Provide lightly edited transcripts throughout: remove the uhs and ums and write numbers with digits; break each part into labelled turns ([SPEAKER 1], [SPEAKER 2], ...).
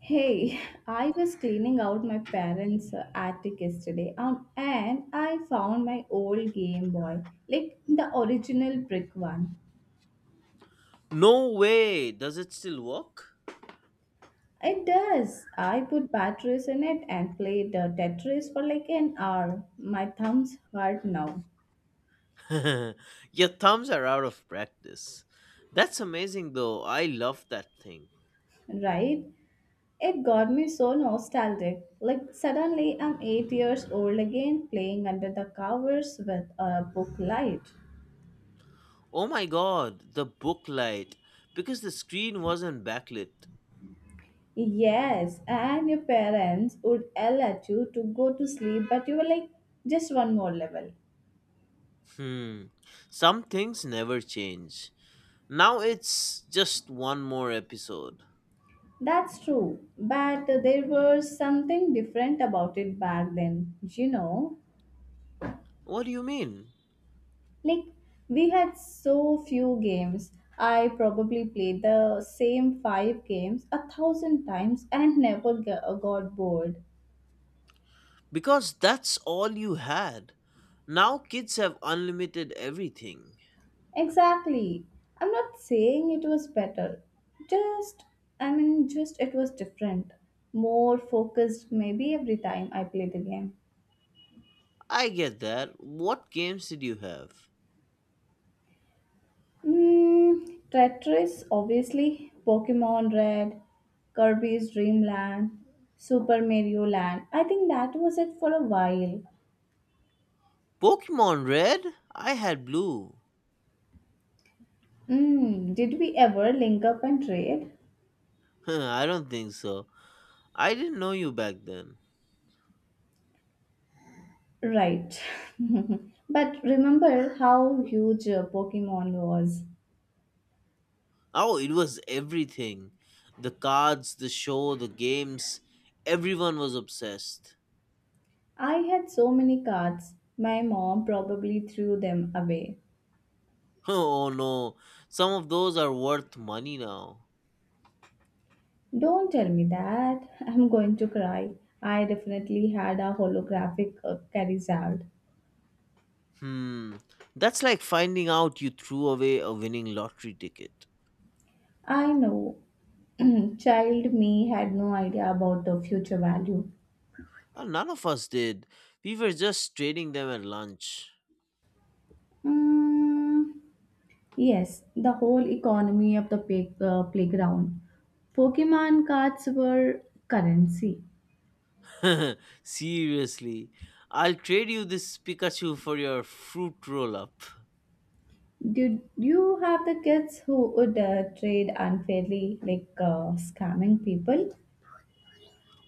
[SPEAKER 1] Hey, I was cleaning out my parents' attic yesterday and I found my old Game Boy, like the original brick one.
[SPEAKER 2] No way! Does it still work?
[SPEAKER 1] It does. I put batteries in it and played Tetris for like an hour. My thumbs hurt now,
[SPEAKER 2] Your thumbs are out of practice. That's amazing though. I love that thing.
[SPEAKER 1] right? It got me so nostalgic. Like suddenly I'm 8 years old again playing under the covers with a book light.
[SPEAKER 2] Oh my god, the book light. Because the screen wasn't backlit.
[SPEAKER 1] Yes, and your parents would yell at you to go to sleep, but you were like, just one more level.
[SPEAKER 2] Hmm. Some things never change. Now it's just one more episode.
[SPEAKER 1] That's true, but there was something different about it back then, you know?
[SPEAKER 2] What do you mean?
[SPEAKER 1] Like, we had so few games. I probably played the same five games a thousand times and never got bored.
[SPEAKER 2] Because that's all you had. Now kids have unlimited everything.
[SPEAKER 1] Exactly. I'm not saying it was better. Just, I mean, just it was different. More focused, maybe every time I play the game.
[SPEAKER 2] I get that. What games did you have?
[SPEAKER 1] Tetris, obviously. Pokemon Red, Kirby's Dream Land, Super Mario Land. I think that was it for a while.
[SPEAKER 2] Pokemon Red? I had Blue.
[SPEAKER 1] Did we ever link up and trade?
[SPEAKER 2] I don't think so. I didn't know you back then.
[SPEAKER 1] Right. But remember how huge Pokemon was.
[SPEAKER 2] Oh, it was everything, the cards, the show, the games. Everyone was obsessed.
[SPEAKER 1] I had so many cards, my mom probably threw them away.
[SPEAKER 2] Oh no, some of those are worth money now.
[SPEAKER 1] Don't tell me that. I'm going to cry. I definitely had a holographic Charizard.
[SPEAKER 2] Hmm, that's like finding out you threw away a winning lottery ticket.
[SPEAKER 1] I know. Child me had no idea about the future value.
[SPEAKER 2] None of us did. We were just trading them at lunch.
[SPEAKER 1] Mm, yes, the whole economy of the playground. Pokemon cards were currency.
[SPEAKER 2] Seriously, I'll trade you this Pikachu for your fruit roll up.
[SPEAKER 1] Did you have the kids who would trade unfairly, like scamming people?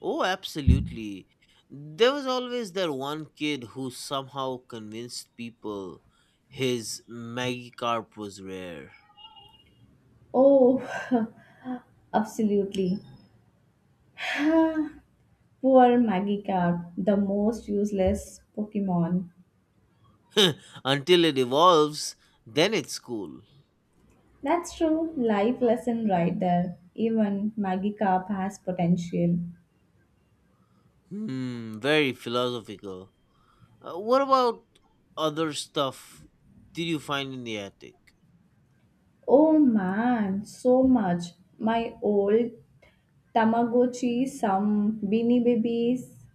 [SPEAKER 2] Oh, absolutely. There was always that one kid who somehow convinced people his Magikarp was rare.
[SPEAKER 1] Oh, absolutely. Poor Magikarp, the most useless Pokemon.
[SPEAKER 2] Until it evolves, then it's cool.
[SPEAKER 1] That's true, life lesson right there. Even Magikarp has potential.
[SPEAKER 2] Hmm, very philosophical. What about other stuff did you find in the attic?
[SPEAKER 1] Oh man, so much. My old Tamagotchi, some Beanie Babies,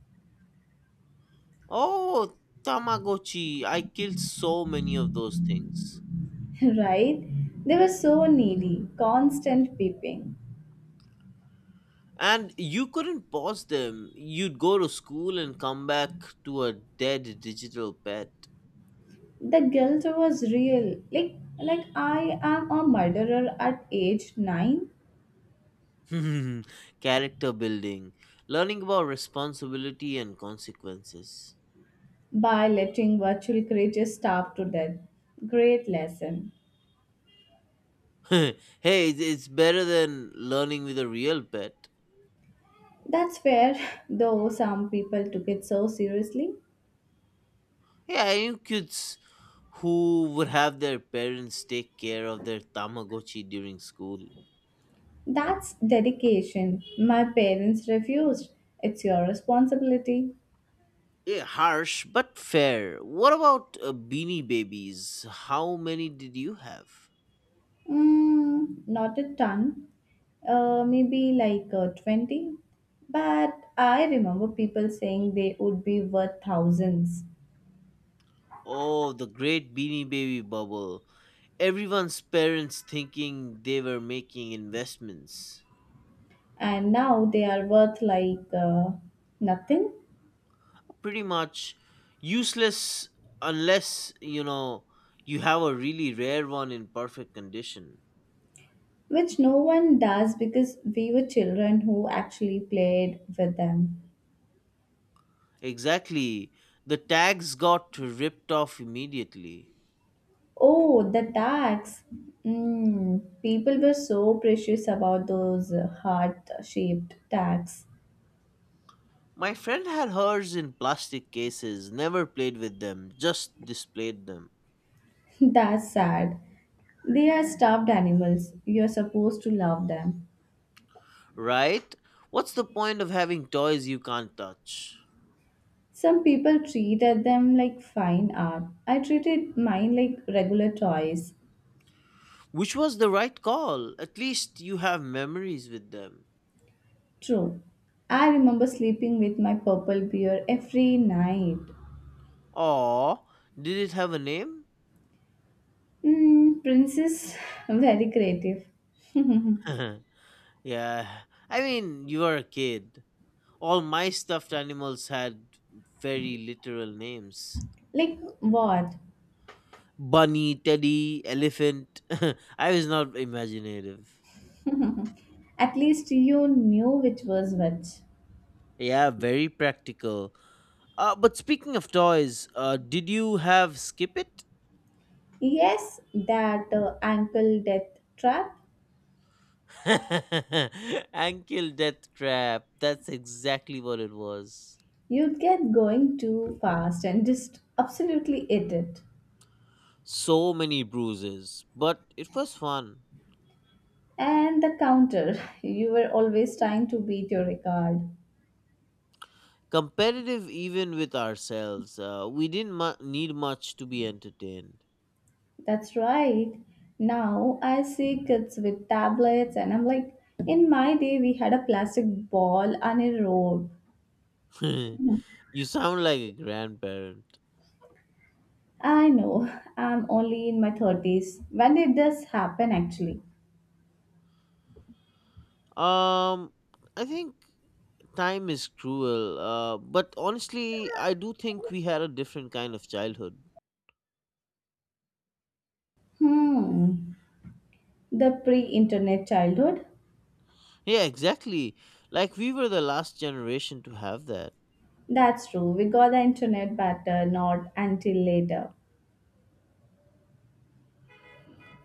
[SPEAKER 2] Oh, Tamagotchi. I killed so many of those things.
[SPEAKER 1] right? They were so needy, constant peeping.
[SPEAKER 2] And you couldn't pause them. You'd go to school and come back to a dead digital pet.
[SPEAKER 1] The guilt was real. Like I am a murderer at age 9
[SPEAKER 2] Character building, learning about responsibility and consequences.
[SPEAKER 1] by letting virtual creatures starve to death. Great lesson.
[SPEAKER 2] Hey, it's better than learning with a real pet.
[SPEAKER 1] That's fair, though some people took it so seriously.
[SPEAKER 2] Yeah, I knew kids who would have their parents take care of their Tamagotchi during school.
[SPEAKER 1] That's dedication. My parents refused. It's your responsibility.
[SPEAKER 2] Yeah, harsh, but fair. What about beanie babies? How many did you have?
[SPEAKER 1] Not a ton, maybe like 20. But I remember people saying they would be worth thousands,
[SPEAKER 2] Oh, the great Beanie Baby bubble. Everyone's parents thinking they were making investments.
[SPEAKER 1] and now they are worth like nothing,
[SPEAKER 2] Pretty much useless unless, you know, you have a really rare one in perfect condition.
[SPEAKER 1] which no one does because we were children who actually played with them.
[SPEAKER 2] Exactly. The tags got ripped off immediately.
[SPEAKER 1] Oh, the tags! People were so precious about those heart shaped tags.
[SPEAKER 2] My friend had hers in plastic cases, never played with them, just displayed them.
[SPEAKER 1] That's sad. They are stuffed animals. You are supposed to love them.
[SPEAKER 2] Right? What's the point of having toys you can't touch?
[SPEAKER 1] Some people treat at them like fine art. I treated mine like regular toys.
[SPEAKER 2] Which was the right call. At least you have memories with them.
[SPEAKER 1] True. I remember sleeping with my purple bear every night.
[SPEAKER 2] Aw, did it have a name?
[SPEAKER 1] Princess, very creative.
[SPEAKER 2] Yeah, I mean, you were a kid. All my stuffed animals had very literal names:
[SPEAKER 1] Like what?
[SPEAKER 2] Bunny, Teddy, Elephant. I was not imaginative.
[SPEAKER 1] At least you knew which was which.
[SPEAKER 2] Yeah, very practical. But speaking of toys, did you have Skip It?
[SPEAKER 1] Yes, that ankle death trap.
[SPEAKER 2] Ankle Death Trap. That's exactly what it was.
[SPEAKER 1] You'd get going too fast and just absolutely eat it.
[SPEAKER 2] So many bruises, but it was fun.
[SPEAKER 1] And the counter, you were always trying to beat your record.
[SPEAKER 2] Competitive even with ourselves. We didn't need much to be entertained.
[SPEAKER 1] That's right. Now I see kids with tablets, and I'm like, in my day, we had a plastic ball and a rope.
[SPEAKER 2] You sound like a grandparent.
[SPEAKER 1] I know, I'm only in my 30s. When did this happen actually?
[SPEAKER 2] Um, I think time is cruel, but honestly, I do think we had a different kind of childhood.
[SPEAKER 1] Hmm, the pre internet childhood?
[SPEAKER 2] Yeah, exactly. Like, we were the last generation to have that.
[SPEAKER 1] That's true, we got the internet but not until later.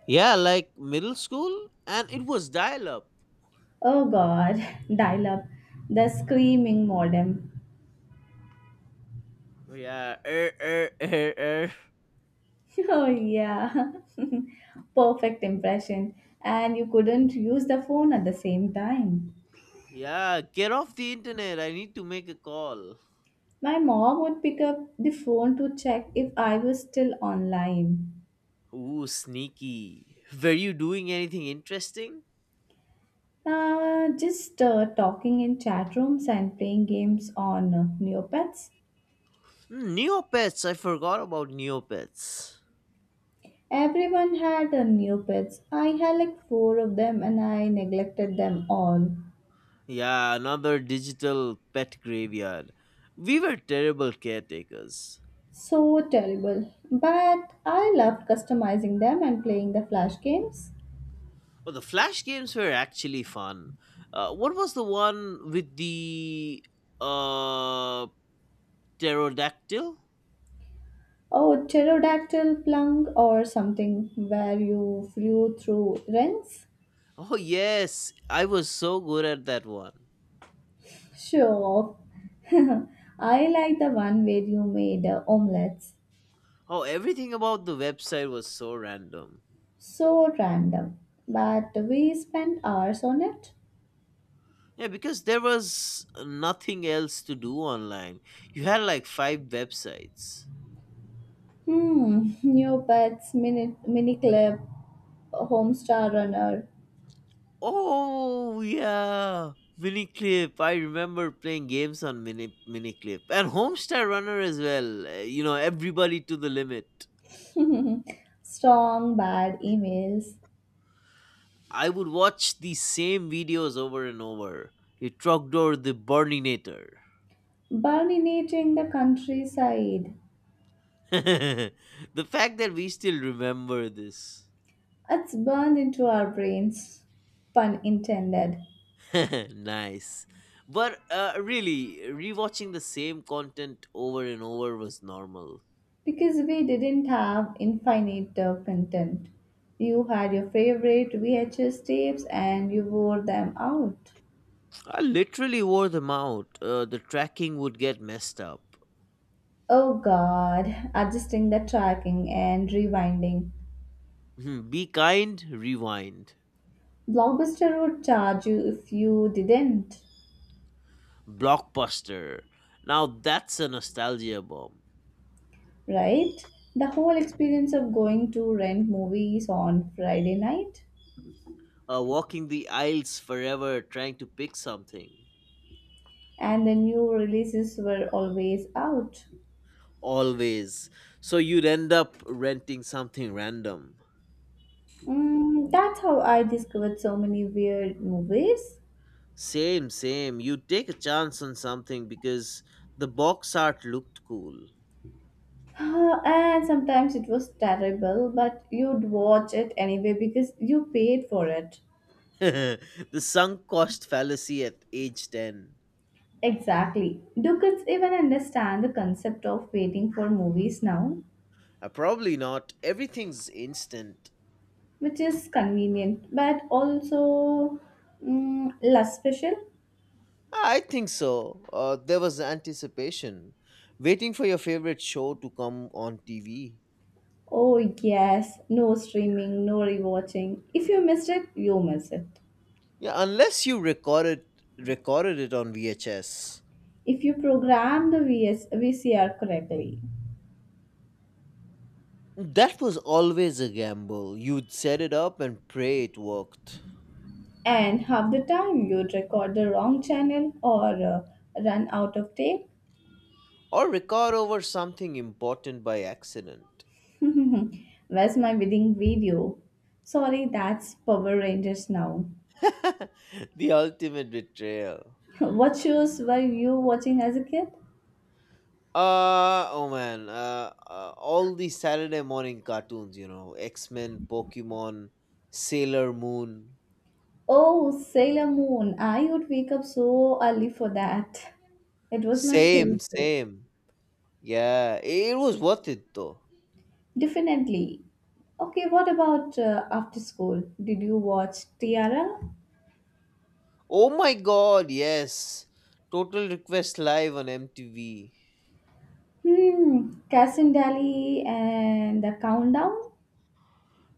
[SPEAKER 2] Yeah, like middle school, and it was dial up.
[SPEAKER 1] Oh god, dial up, the screaming modem.
[SPEAKER 2] Yeah, er.
[SPEAKER 1] Oh, yeah. Perfect impression. And you couldn't use the phone at the same time.
[SPEAKER 2] Yeah, get off the internet. I need to make a call.
[SPEAKER 1] My mom would pick up the phone to check if I was still online.
[SPEAKER 2] Ooh, sneaky. Were you doing anything interesting?
[SPEAKER 1] Just talking in chat rooms and playing games on Neopets.
[SPEAKER 2] Hmm, Neopets. I forgot about Neopets.
[SPEAKER 1] Everyone had Neopets. I had like four of them and I neglected them all.
[SPEAKER 2] Yeah, another digital pet graveyard. We were terrible caretakers.
[SPEAKER 1] So terrible. But I loved customizing them and playing the flash games.
[SPEAKER 2] Oh, the Flash games were actually fun. What was the one with the uh pterodactyl?
[SPEAKER 1] Oh, pterodactyl plung or something where you flew through rents?
[SPEAKER 2] Oh yes, I was so good at that one.
[SPEAKER 1] Sure. I like the one where you made omelets.
[SPEAKER 2] Oh, everything about the website was so random.
[SPEAKER 1] So random. But we spent hours on it.
[SPEAKER 2] Yeah, because there was nothing else to do online. You had like five websites.
[SPEAKER 1] New pets, mini clip, homestar runner,
[SPEAKER 2] Oh yeah, Miniclip. I remember playing games on Miniclip and Homestar Runner as well. You know, everybody to the limit.
[SPEAKER 1] strong bad emails,
[SPEAKER 2] I would watch the same videos over and over. The Trogdor, the Burninator.
[SPEAKER 1] burninating the countryside.
[SPEAKER 2] The fact that we still remember this.
[SPEAKER 1] It's burned into our brains, pun intended.
[SPEAKER 2] Nice. But really, rewatching the same content over and over was normal.
[SPEAKER 1] Because we didn't have infinite content. You had your favorite VHS tapes and you wore them out.
[SPEAKER 2] I literally wore them out. The tracking would get messed up.
[SPEAKER 1] Oh god, adjusting the tracking and rewinding.
[SPEAKER 2] Hmm, be kind, rewind.
[SPEAKER 1] Blockbuster would charge you if you didn't,
[SPEAKER 2] Blockbuster. Now that's a nostalgia bomb.
[SPEAKER 1] right? The whole experience of going to rent movies on Friday night
[SPEAKER 2] Walking the aisles forever trying to pick something.
[SPEAKER 1] and the new releases were always out.
[SPEAKER 2] Always. So you'd end up renting something random.
[SPEAKER 1] That's how I discovered so many weird movies.
[SPEAKER 2] Same, same. You take a chance on something because the box art looked cool.
[SPEAKER 1] Ah, and sometimes it was terrible, but you'd watch it anyway because you paid for it.
[SPEAKER 2] The sunk cost fallacy at age 10.
[SPEAKER 1] Exactly. Do kids even understand the concept of waiting for movies now?
[SPEAKER 2] Probably not. Everything's instant.
[SPEAKER 1] Which is convenient, but also less special.
[SPEAKER 2] I think so. There was anticipation. Waiting for your favorite show to come on TV.
[SPEAKER 1] Oh, yes, no streaming, no rewatching. If you missed it, you miss it.
[SPEAKER 2] Yeah, unless you recorded it on VHS.
[SPEAKER 1] If you program the VSVCR correctly.
[SPEAKER 2] That was always a gamble. You'd set it up and pray it worked.
[SPEAKER 1] And half the time you'd record the wrong channel or run out of tape.
[SPEAKER 2] Or record over something important by accident.
[SPEAKER 1] Where's my wedding video? Sorry, that's Power Rangers now.
[SPEAKER 2] The ultimate betrayal.
[SPEAKER 1] What shows were you watching as a kid?
[SPEAKER 2] Oh man, all these Saturday morning cartoons, you know, X Men, Pokemon, Sailor Moon.
[SPEAKER 1] Oh, Sailor Moon. I would wake up so early for that. It was my
[SPEAKER 2] Same,
[SPEAKER 1] favorite.
[SPEAKER 2] same. Yeah, it was worth it though.
[SPEAKER 1] Definitely. Okay, what about after school? Did you watch Tiara?
[SPEAKER 2] Oh my god, yes. Total Request Live on MTV.
[SPEAKER 1] Cass and Dally and the Countdown?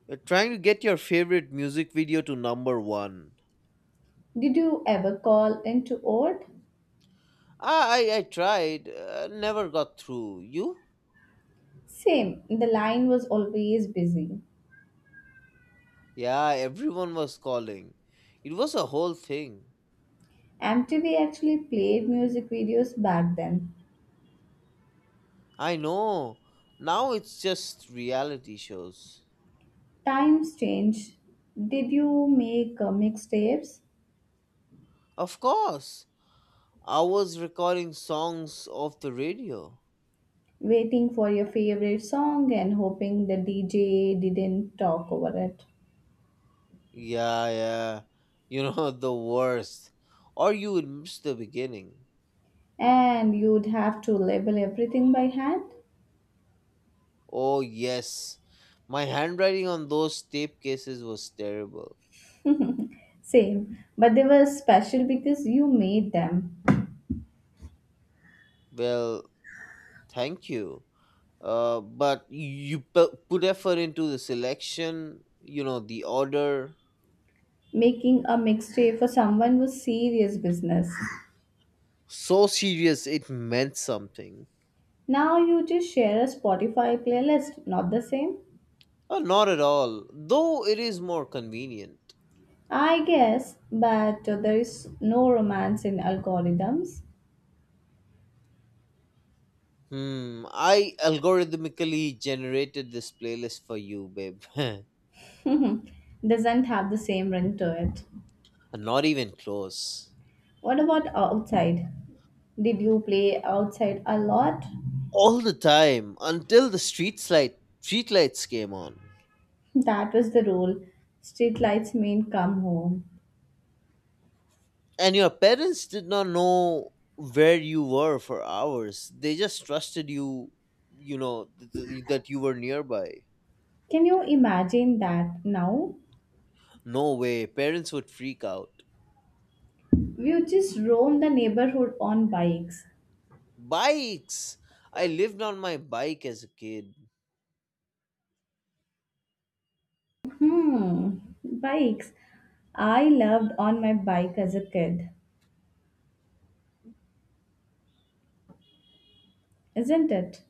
[SPEAKER 2] You're trying to get your favorite music video to number one.
[SPEAKER 1] Did you ever call into old?
[SPEAKER 2] Ah, I tried, never got through. You?
[SPEAKER 1] Same, the line was always busy.
[SPEAKER 2] Yeah, everyone was calling. It was a whole thing.
[SPEAKER 1] MTV actually played music videos back then.
[SPEAKER 2] I know. Now it's just reality shows.
[SPEAKER 1] Times changed. Did you make mixtapes,
[SPEAKER 2] Of course. I was recording songs off the radio.
[SPEAKER 1] waiting for your favorite song and hoping the DJ didn't talk over it?
[SPEAKER 2] Yeah, yeah. You know, the worst. Or you would miss the beginning.
[SPEAKER 1] And you'd have to label everything by hand?
[SPEAKER 2] Oh, yes. My handwriting on those tape cases was terrible.
[SPEAKER 1] Same, but they were special because you made them.
[SPEAKER 2] Well, thank you. But you put effort into the selection, you know, the order.
[SPEAKER 1] Making a mixtape for someone was serious business.
[SPEAKER 2] So serious it meant something.
[SPEAKER 1] Now you just share a Spotify playlist, not the same?
[SPEAKER 2] Not at all, though it is more convenient.
[SPEAKER 1] I guess, but there is no romance in algorithms.
[SPEAKER 2] Hmm, I algorithmically generated this playlist for you, babe.
[SPEAKER 1] Doesn't have the same ring to it.
[SPEAKER 2] Not even close.
[SPEAKER 1] What about outside? Did you play outside a lot?
[SPEAKER 2] All the time until the street lights came on.
[SPEAKER 1] That was the rule. Streetlights mean come home.
[SPEAKER 2] And your parents did not know where you were for hours. They just trusted you, you know, that you were nearby.
[SPEAKER 1] Can you imagine that now?
[SPEAKER 2] No way, parents would freak out.
[SPEAKER 1] You just roam the neighborhood on bikes.
[SPEAKER 2] Bikes! I lived on my bike as a kid.
[SPEAKER 1] Bikes. I loved on my bike as a kid. Isn't it?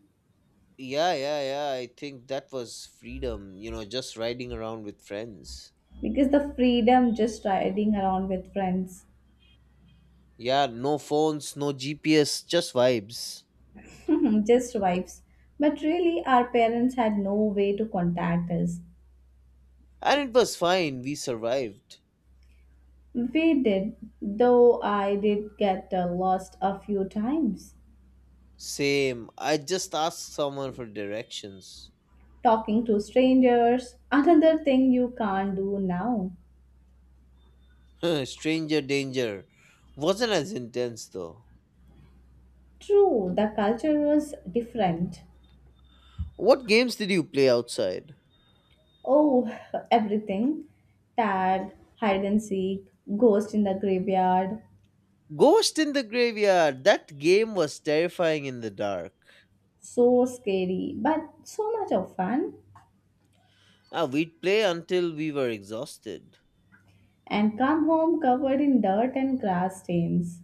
[SPEAKER 2] Yeah, yeah, yeah. I think that was freedom, you know, just riding around with friends.
[SPEAKER 1] Because the freedom just riding around with friends,
[SPEAKER 2] Yeah, no phones, no GPS, just vibes.
[SPEAKER 1] just vibes. But really, our parents had no way to contact us.
[SPEAKER 2] And it was fine, we survived.
[SPEAKER 1] We did, though I did get lost a few times.
[SPEAKER 2] Same. I just asked someone for directions.
[SPEAKER 1] Talking to strangers, another thing you can't do now.
[SPEAKER 2] Stranger danger. Wasn't as intense though.
[SPEAKER 1] True, the culture was different.
[SPEAKER 2] What games did you play outside?
[SPEAKER 1] Oh, everything. Tag, hide and seek, ghost in the graveyard.
[SPEAKER 2] Ghost in the Graveyard. That game was terrifying in the dark.
[SPEAKER 1] So scary, but so much of fun.
[SPEAKER 2] Ah, we'd play until we were exhausted.
[SPEAKER 1] And come home covered in dirt and grass stains.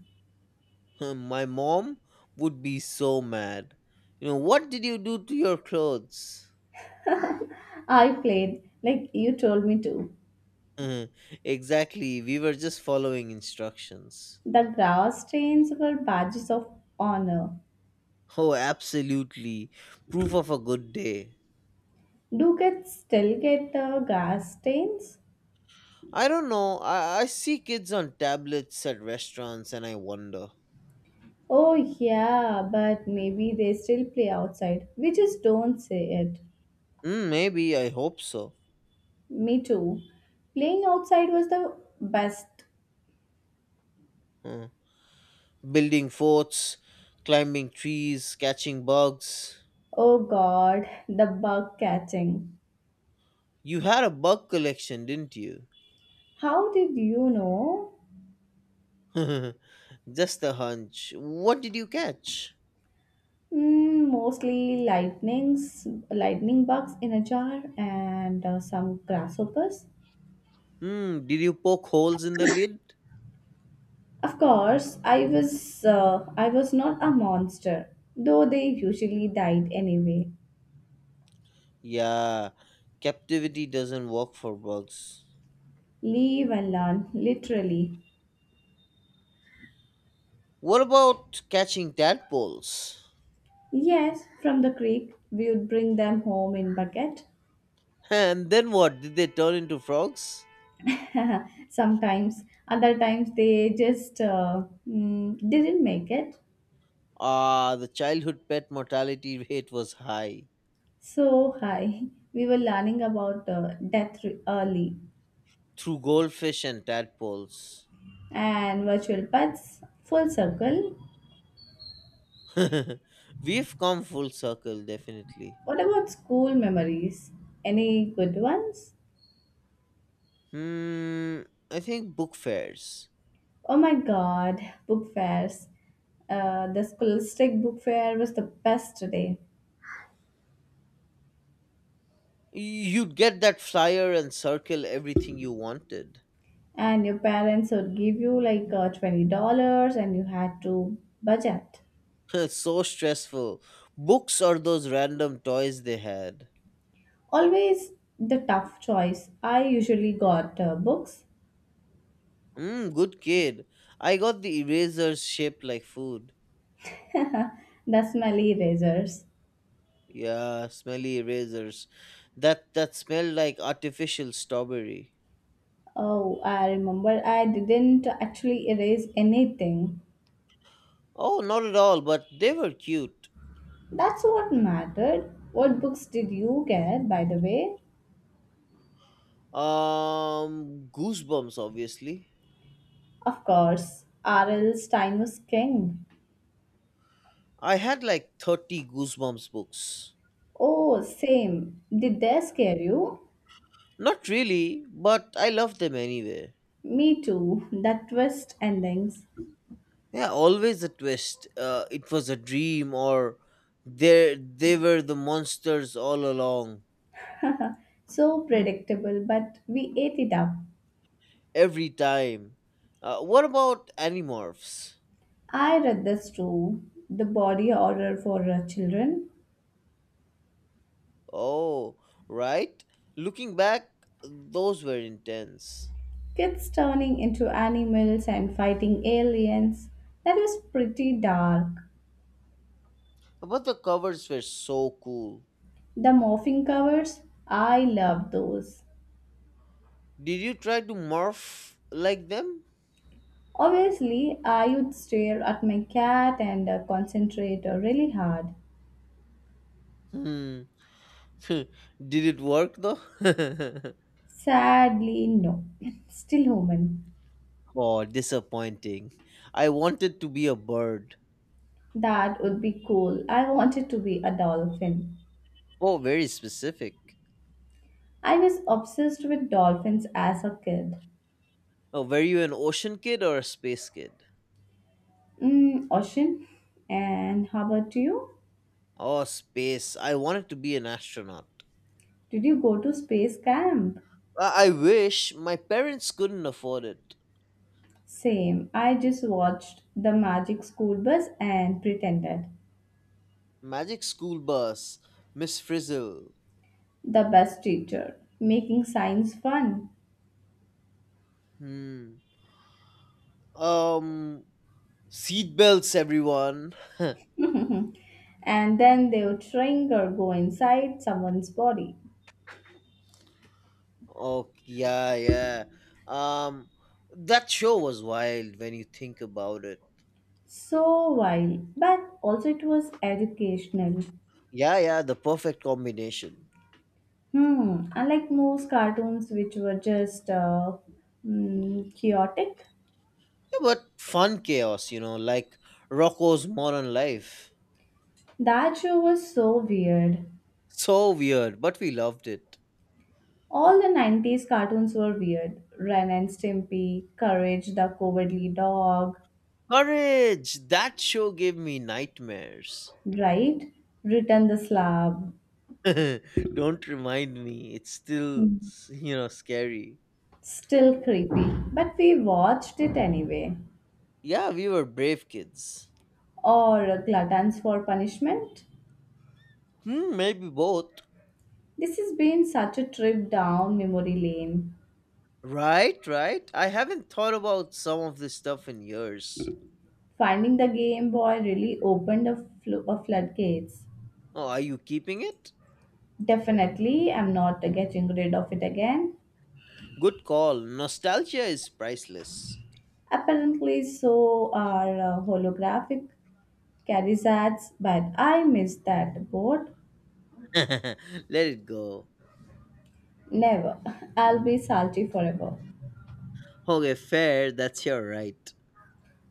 [SPEAKER 2] My mom would be so mad. You know, what did you do to your clothes?
[SPEAKER 1] I played, like you told me to.
[SPEAKER 2] Exactly, we were just following instructions.
[SPEAKER 1] The grass stains were badges of honor.
[SPEAKER 2] Oh, absolutely. Proof of a good day.
[SPEAKER 1] Do kids still get the grass stains?
[SPEAKER 2] I don't know. I see kids on tablets at restaurants and I wonder.
[SPEAKER 1] Oh, yeah, but maybe they still play outside. We just don't say it.
[SPEAKER 2] Mm, maybe, I hope so.
[SPEAKER 1] Me too. Playing outside was the best.
[SPEAKER 2] Huh. Building forts, climbing trees, catching bugs.
[SPEAKER 1] Oh god, the bug catching.
[SPEAKER 2] You had a bug collection, didn't you?
[SPEAKER 1] How did you know?
[SPEAKER 2] Just a hunch. What did you catch?
[SPEAKER 1] Mostly lightning bugs in a jar, and some grasshoppers.
[SPEAKER 2] Hmm, did you poke holes in the lid?
[SPEAKER 1] Of course, I was not a monster, though they usually died anyway.
[SPEAKER 2] Yeah, captivity doesn't work for bugs.
[SPEAKER 1] Leave and learn, literally.
[SPEAKER 2] What about catching tadpoles?
[SPEAKER 1] Yes, from the creek, we would bring them home in bucket.
[SPEAKER 2] And then what? Did they turn into frogs?
[SPEAKER 1] Sometimes, other times they just didn't make it.
[SPEAKER 2] Ah, the childhood pet mortality rate was high
[SPEAKER 1] So hi, we were learning about death early.
[SPEAKER 2] through goldfish and tadpoles.
[SPEAKER 1] And virtual pets, full circle.
[SPEAKER 2] We've come full circle, definitely.
[SPEAKER 1] What about school memories? Any good ones?
[SPEAKER 2] Hmm, I think book fairs.
[SPEAKER 1] Oh my god, book fairs. The scholastic book fair was the best today.
[SPEAKER 2] You'd get that flyer and circle everything you wanted.
[SPEAKER 1] And your parents would give you like $20 and you had to budget.
[SPEAKER 2] So stressful. Books or those random toys they had.
[SPEAKER 1] Always the tough choice. I usually got books,
[SPEAKER 2] Mm, good kid. I got the erasers shaped like food.
[SPEAKER 1] the smelly erasers.
[SPEAKER 2] Yeah, smelly erasers. That smelled like artificial strawberry.
[SPEAKER 1] Oh, I remember I didn't actually erase anything.
[SPEAKER 2] Oh, not at all, but they were cute.
[SPEAKER 1] That's what mattered. What books did you get, by the way?
[SPEAKER 2] Goosebumps obviously.
[SPEAKER 1] Of course, R.L. Stein was king.
[SPEAKER 2] I had like 30 goosebumps books.
[SPEAKER 1] Oh, same. Did they scare you?
[SPEAKER 2] Not really, but I loved them anyway.
[SPEAKER 1] Me too. That twist endings.
[SPEAKER 2] Yeah, always a twist. It was a dream, or they were the monsters all along.
[SPEAKER 1] So predictable, but we ate it up.
[SPEAKER 2] Every time. What about animorphs?
[SPEAKER 1] I read this too. The body horror for children.
[SPEAKER 2] Oh, right. Looking back, those were intense.
[SPEAKER 1] Kids turning into animals and fighting aliens. That was pretty dark.
[SPEAKER 2] But the covers were so cool.
[SPEAKER 1] The morphing covers, I love those.
[SPEAKER 2] Did you try to morph like them?
[SPEAKER 1] Obviously, I would stare at my cat and concentrate really hard.
[SPEAKER 2] Hmm. Did it work though?
[SPEAKER 1] Sadly, no. Still human.
[SPEAKER 2] Oh, disappointing. I wanted to be a bird.
[SPEAKER 1] That would be cool. I wanted to be a dolphin.
[SPEAKER 2] Oh, very specific.
[SPEAKER 1] I was obsessed with dolphins as a kid.
[SPEAKER 2] Oh, were you an ocean kid or a space kid?
[SPEAKER 1] Ocean. And how about you?
[SPEAKER 2] Oh, space. I wanted to be an astronaut.
[SPEAKER 1] Did you go to space camp?
[SPEAKER 2] I wish, my parents couldn't afford it.
[SPEAKER 1] Same. I just watched the magic school bus and pretended.
[SPEAKER 2] Magic School Bus, Miss Frizzle.
[SPEAKER 1] The bus teacher, making science fun.
[SPEAKER 2] Hmm. Um, Seatbelts, everyone.
[SPEAKER 1] And then they would shrink or go inside someone's body.
[SPEAKER 2] Oh, yeah, yeah. Um, that show was wild when you think about it.
[SPEAKER 1] So wild, but also it was educational.
[SPEAKER 2] Yeah, yeah, the perfect combination.
[SPEAKER 1] Unlike most cartoons which were just chaotic,
[SPEAKER 2] Yeah, but fun chaos, you know, like Rocco's Modern Life.
[SPEAKER 1] that show was so weird.
[SPEAKER 2] So weird, but we loved it.
[SPEAKER 1] All the 90s cartoons were weird. Ren and Stimpy, Courage the Cowardly Dog,
[SPEAKER 2] Courage! That show gave me nightmares.
[SPEAKER 1] right? Return the Slab.
[SPEAKER 2] Don't remind me, it's still,
[SPEAKER 1] Hmm.
[SPEAKER 2] you know, scary.
[SPEAKER 1] Still creepy, but we watched it anyway.
[SPEAKER 2] Yeah, we were brave kids.
[SPEAKER 1] Or gluttons for punishment.
[SPEAKER 2] Hmm, maybe both.
[SPEAKER 1] This has been such a trip down memory lane.
[SPEAKER 2] Right, right. I haven't thought about some of this stuff in years.
[SPEAKER 1] Finding the Game Boy really opened a floodgates.
[SPEAKER 2] Oh, are you keeping it?
[SPEAKER 1] Definitely, I'm not getting rid of it again.
[SPEAKER 2] Good call. Nostalgia is priceless.
[SPEAKER 1] Apparently, so are holographic carriages, but I miss that board.
[SPEAKER 2] Let it go.
[SPEAKER 1] Never. I'll be salty forever.
[SPEAKER 2] Okay, fair, that's your right.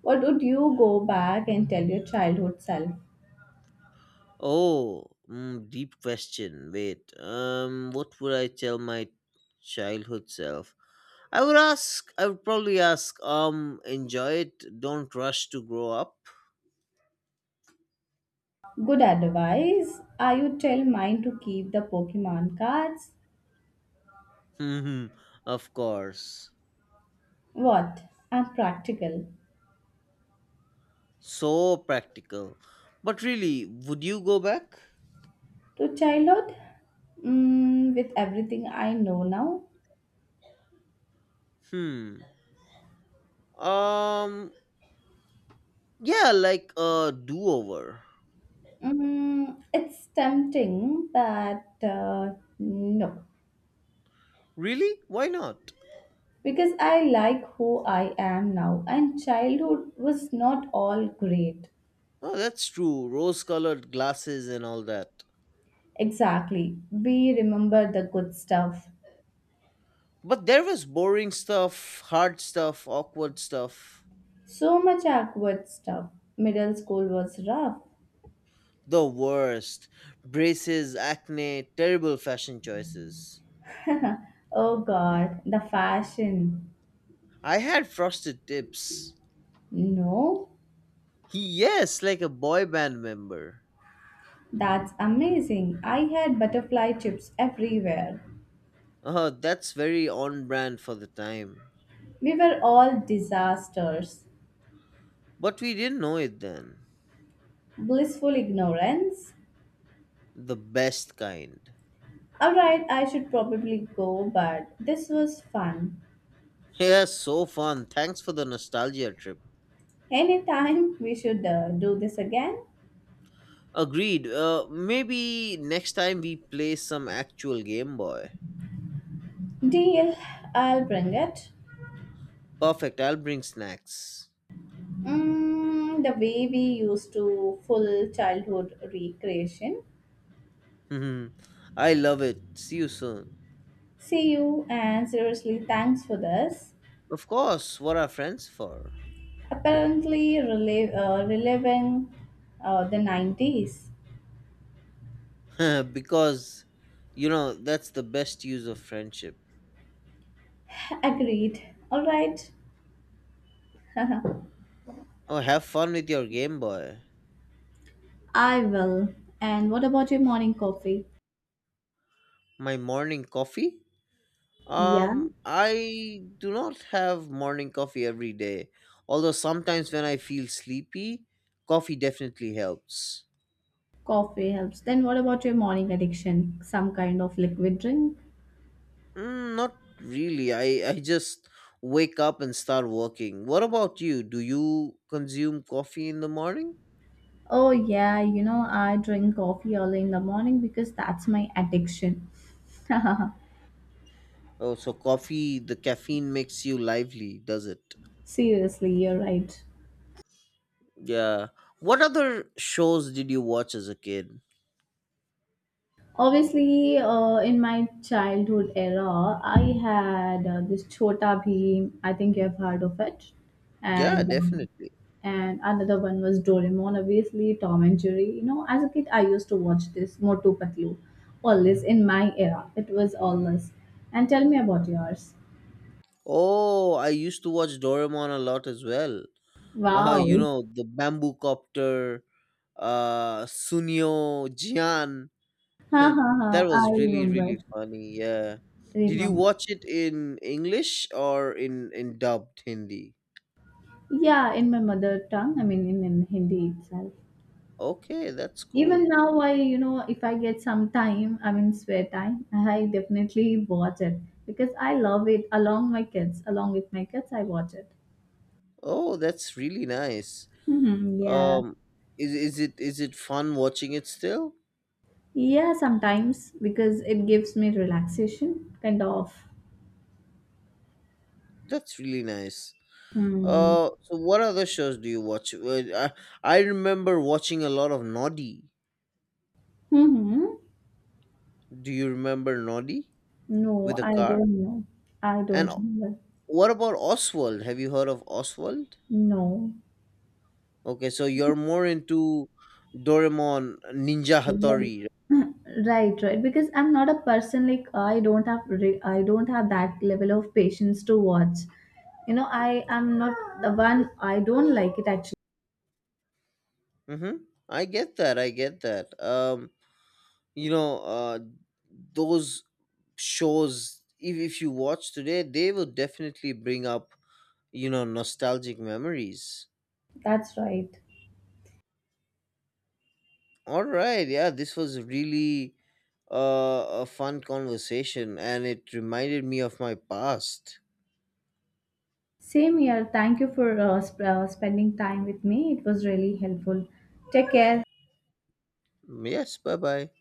[SPEAKER 1] What would you go back and tell your childhood self?
[SPEAKER 2] Oh, deep question. Wait, what would I tell my childhood self? I would probably ask. Enjoy it. Don't rush to grow up.
[SPEAKER 1] Good advice. I would tell mine to keep the Pokemon cards.
[SPEAKER 2] Hmm, of course.
[SPEAKER 1] What? I'm practical.
[SPEAKER 2] So practical. But really, would you go back?
[SPEAKER 1] To childhood? With everything I know now?
[SPEAKER 2] Hmm. Um. Yeah, like a do-over.
[SPEAKER 1] It's tempting, but no.
[SPEAKER 2] Really? Why not?
[SPEAKER 1] Because I like who I am now, and childhood was not all great.
[SPEAKER 2] Oh, that's true. Rose-colored glasses and all that.
[SPEAKER 1] Exactly. We remember the good stuff.
[SPEAKER 2] But there was boring stuff, hard stuff, awkward stuff.
[SPEAKER 1] So much awkward stuff. Middle school was rough.
[SPEAKER 2] The worst. Braces, acne, terrible fashion choices.
[SPEAKER 1] Oh god, the fashion.
[SPEAKER 2] I had frosted tips.
[SPEAKER 1] No,
[SPEAKER 2] Yes, like a boy band member.
[SPEAKER 1] that's amazing. I had butterfly chips everywhere.
[SPEAKER 2] Oh, that's very on brand for the time.
[SPEAKER 1] We were all disasters.
[SPEAKER 2] But we didn't know it then.
[SPEAKER 1] Blissful ignorance.
[SPEAKER 2] The best kind.
[SPEAKER 1] Alright, I should probably go, but this was fun.
[SPEAKER 2] Yeah, so fun. Thanks for the nostalgia trip.
[SPEAKER 1] Anytime we should do this again.
[SPEAKER 2] Agreed. Maybe next time we play some actual Game Boy.
[SPEAKER 1] Deal, I'll bring it.
[SPEAKER 2] Perfect. I'll bring snacks.
[SPEAKER 1] The way we used to full childhood recreation.
[SPEAKER 2] Mhm. I love it. See you soon.
[SPEAKER 1] See you and seriously, thanks for this.
[SPEAKER 2] Of course, what are friends for?
[SPEAKER 1] Apparently relevant the 90s.
[SPEAKER 2] Because, you know, that's the best use of friendship.
[SPEAKER 1] Agreed. All right,
[SPEAKER 2] Oh, have fun with your Game Boy.
[SPEAKER 1] I will. And what about your morning coffee?
[SPEAKER 2] My morning coffee?
[SPEAKER 1] Yeah,
[SPEAKER 2] I do not have morning coffee every day. Although sometimes when I feel sleepy, coffee definitely helps.
[SPEAKER 1] coffee helps. Then what about your morning addiction? Some kind of liquid drink?
[SPEAKER 2] Mm, not really. I just wake up and start working. What about you? Do you consume coffee in the morning?
[SPEAKER 1] Oh, yeah, I drink coffee early in the morning because that's my addiction.
[SPEAKER 2] Oh, so coffee, the caffeine makes you lively, does it?
[SPEAKER 1] Seriously, you're right.
[SPEAKER 2] Yeah. What other shows did you watch as a kid?
[SPEAKER 1] Obviously, in my childhood era, I had this Chota Bheem. I think you've heard of it,
[SPEAKER 2] Yeah,
[SPEAKER 1] and um,
[SPEAKER 2] definitely.
[SPEAKER 1] and another one was Doraemon. Obviously, Tom and Jerry. As a kid, I used to watch this Motu Patlu. Always in my era, it was always. And tell me about yours.
[SPEAKER 2] Oh, I used to watch Doraemon a lot as well. You
[SPEAKER 1] Wow,
[SPEAKER 2] know, the Bamboo Copter, Sunio, Jian.
[SPEAKER 1] ha ha ha!
[SPEAKER 2] That was
[SPEAKER 1] I
[SPEAKER 2] really,
[SPEAKER 1] remember,
[SPEAKER 2] really funny. Yeah. Did you
[SPEAKER 1] remember.
[SPEAKER 2] watch it in English or in dubbed Hindi?
[SPEAKER 1] Yeah, in my mother tongue. I mean, in Hindi itself.
[SPEAKER 2] Okay, that's
[SPEAKER 1] Even
[SPEAKER 2] cool.
[SPEAKER 1] now I, if I get some time, I mean spare time, I definitely watch it because I love it, along with my kids I watch it.
[SPEAKER 2] Oh, that's really nice.
[SPEAKER 1] Hmm. Yeah.
[SPEAKER 2] Um, is it fun watching it still?
[SPEAKER 1] Yeah, sometimes, because it gives me relaxation, kind of.
[SPEAKER 2] That's really nice.
[SPEAKER 1] Hmm.
[SPEAKER 2] So what other shows do you watch? I remember watching a lot of Noddy.
[SPEAKER 1] Hmm.
[SPEAKER 2] Do you remember Noddy
[SPEAKER 1] No,
[SPEAKER 2] with a
[SPEAKER 1] I
[SPEAKER 2] car?
[SPEAKER 1] don't know. I
[SPEAKER 2] And
[SPEAKER 1] don't
[SPEAKER 2] o-
[SPEAKER 1] remember.
[SPEAKER 2] what about Oswald? Have you heard of Oswald?
[SPEAKER 1] No.
[SPEAKER 2] Okay, so you're more into Doraemon, Ninja
[SPEAKER 1] Like.
[SPEAKER 2] Hattori.
[SPEAKER 1] Right. Right. Because I'm not a person, like, I don't have that level of patience to watch. I am not the one, I don't like it actually.
[SPEAKER 2] Mm-hmm. I get that. I get that. You know, those shows, if you watch today, they will definitely bring up, you know, nostalgic memories.
[SPEAKER 1] That's right.
[SPEAKER 2] All right, yeah, this was really a fun conversation and it reminded me of my past.
[SPEAKER 1] Same here. Thank you for spending time with me. It was really helpful. Take care.
[SPEAKER 2] Yes, bye bye.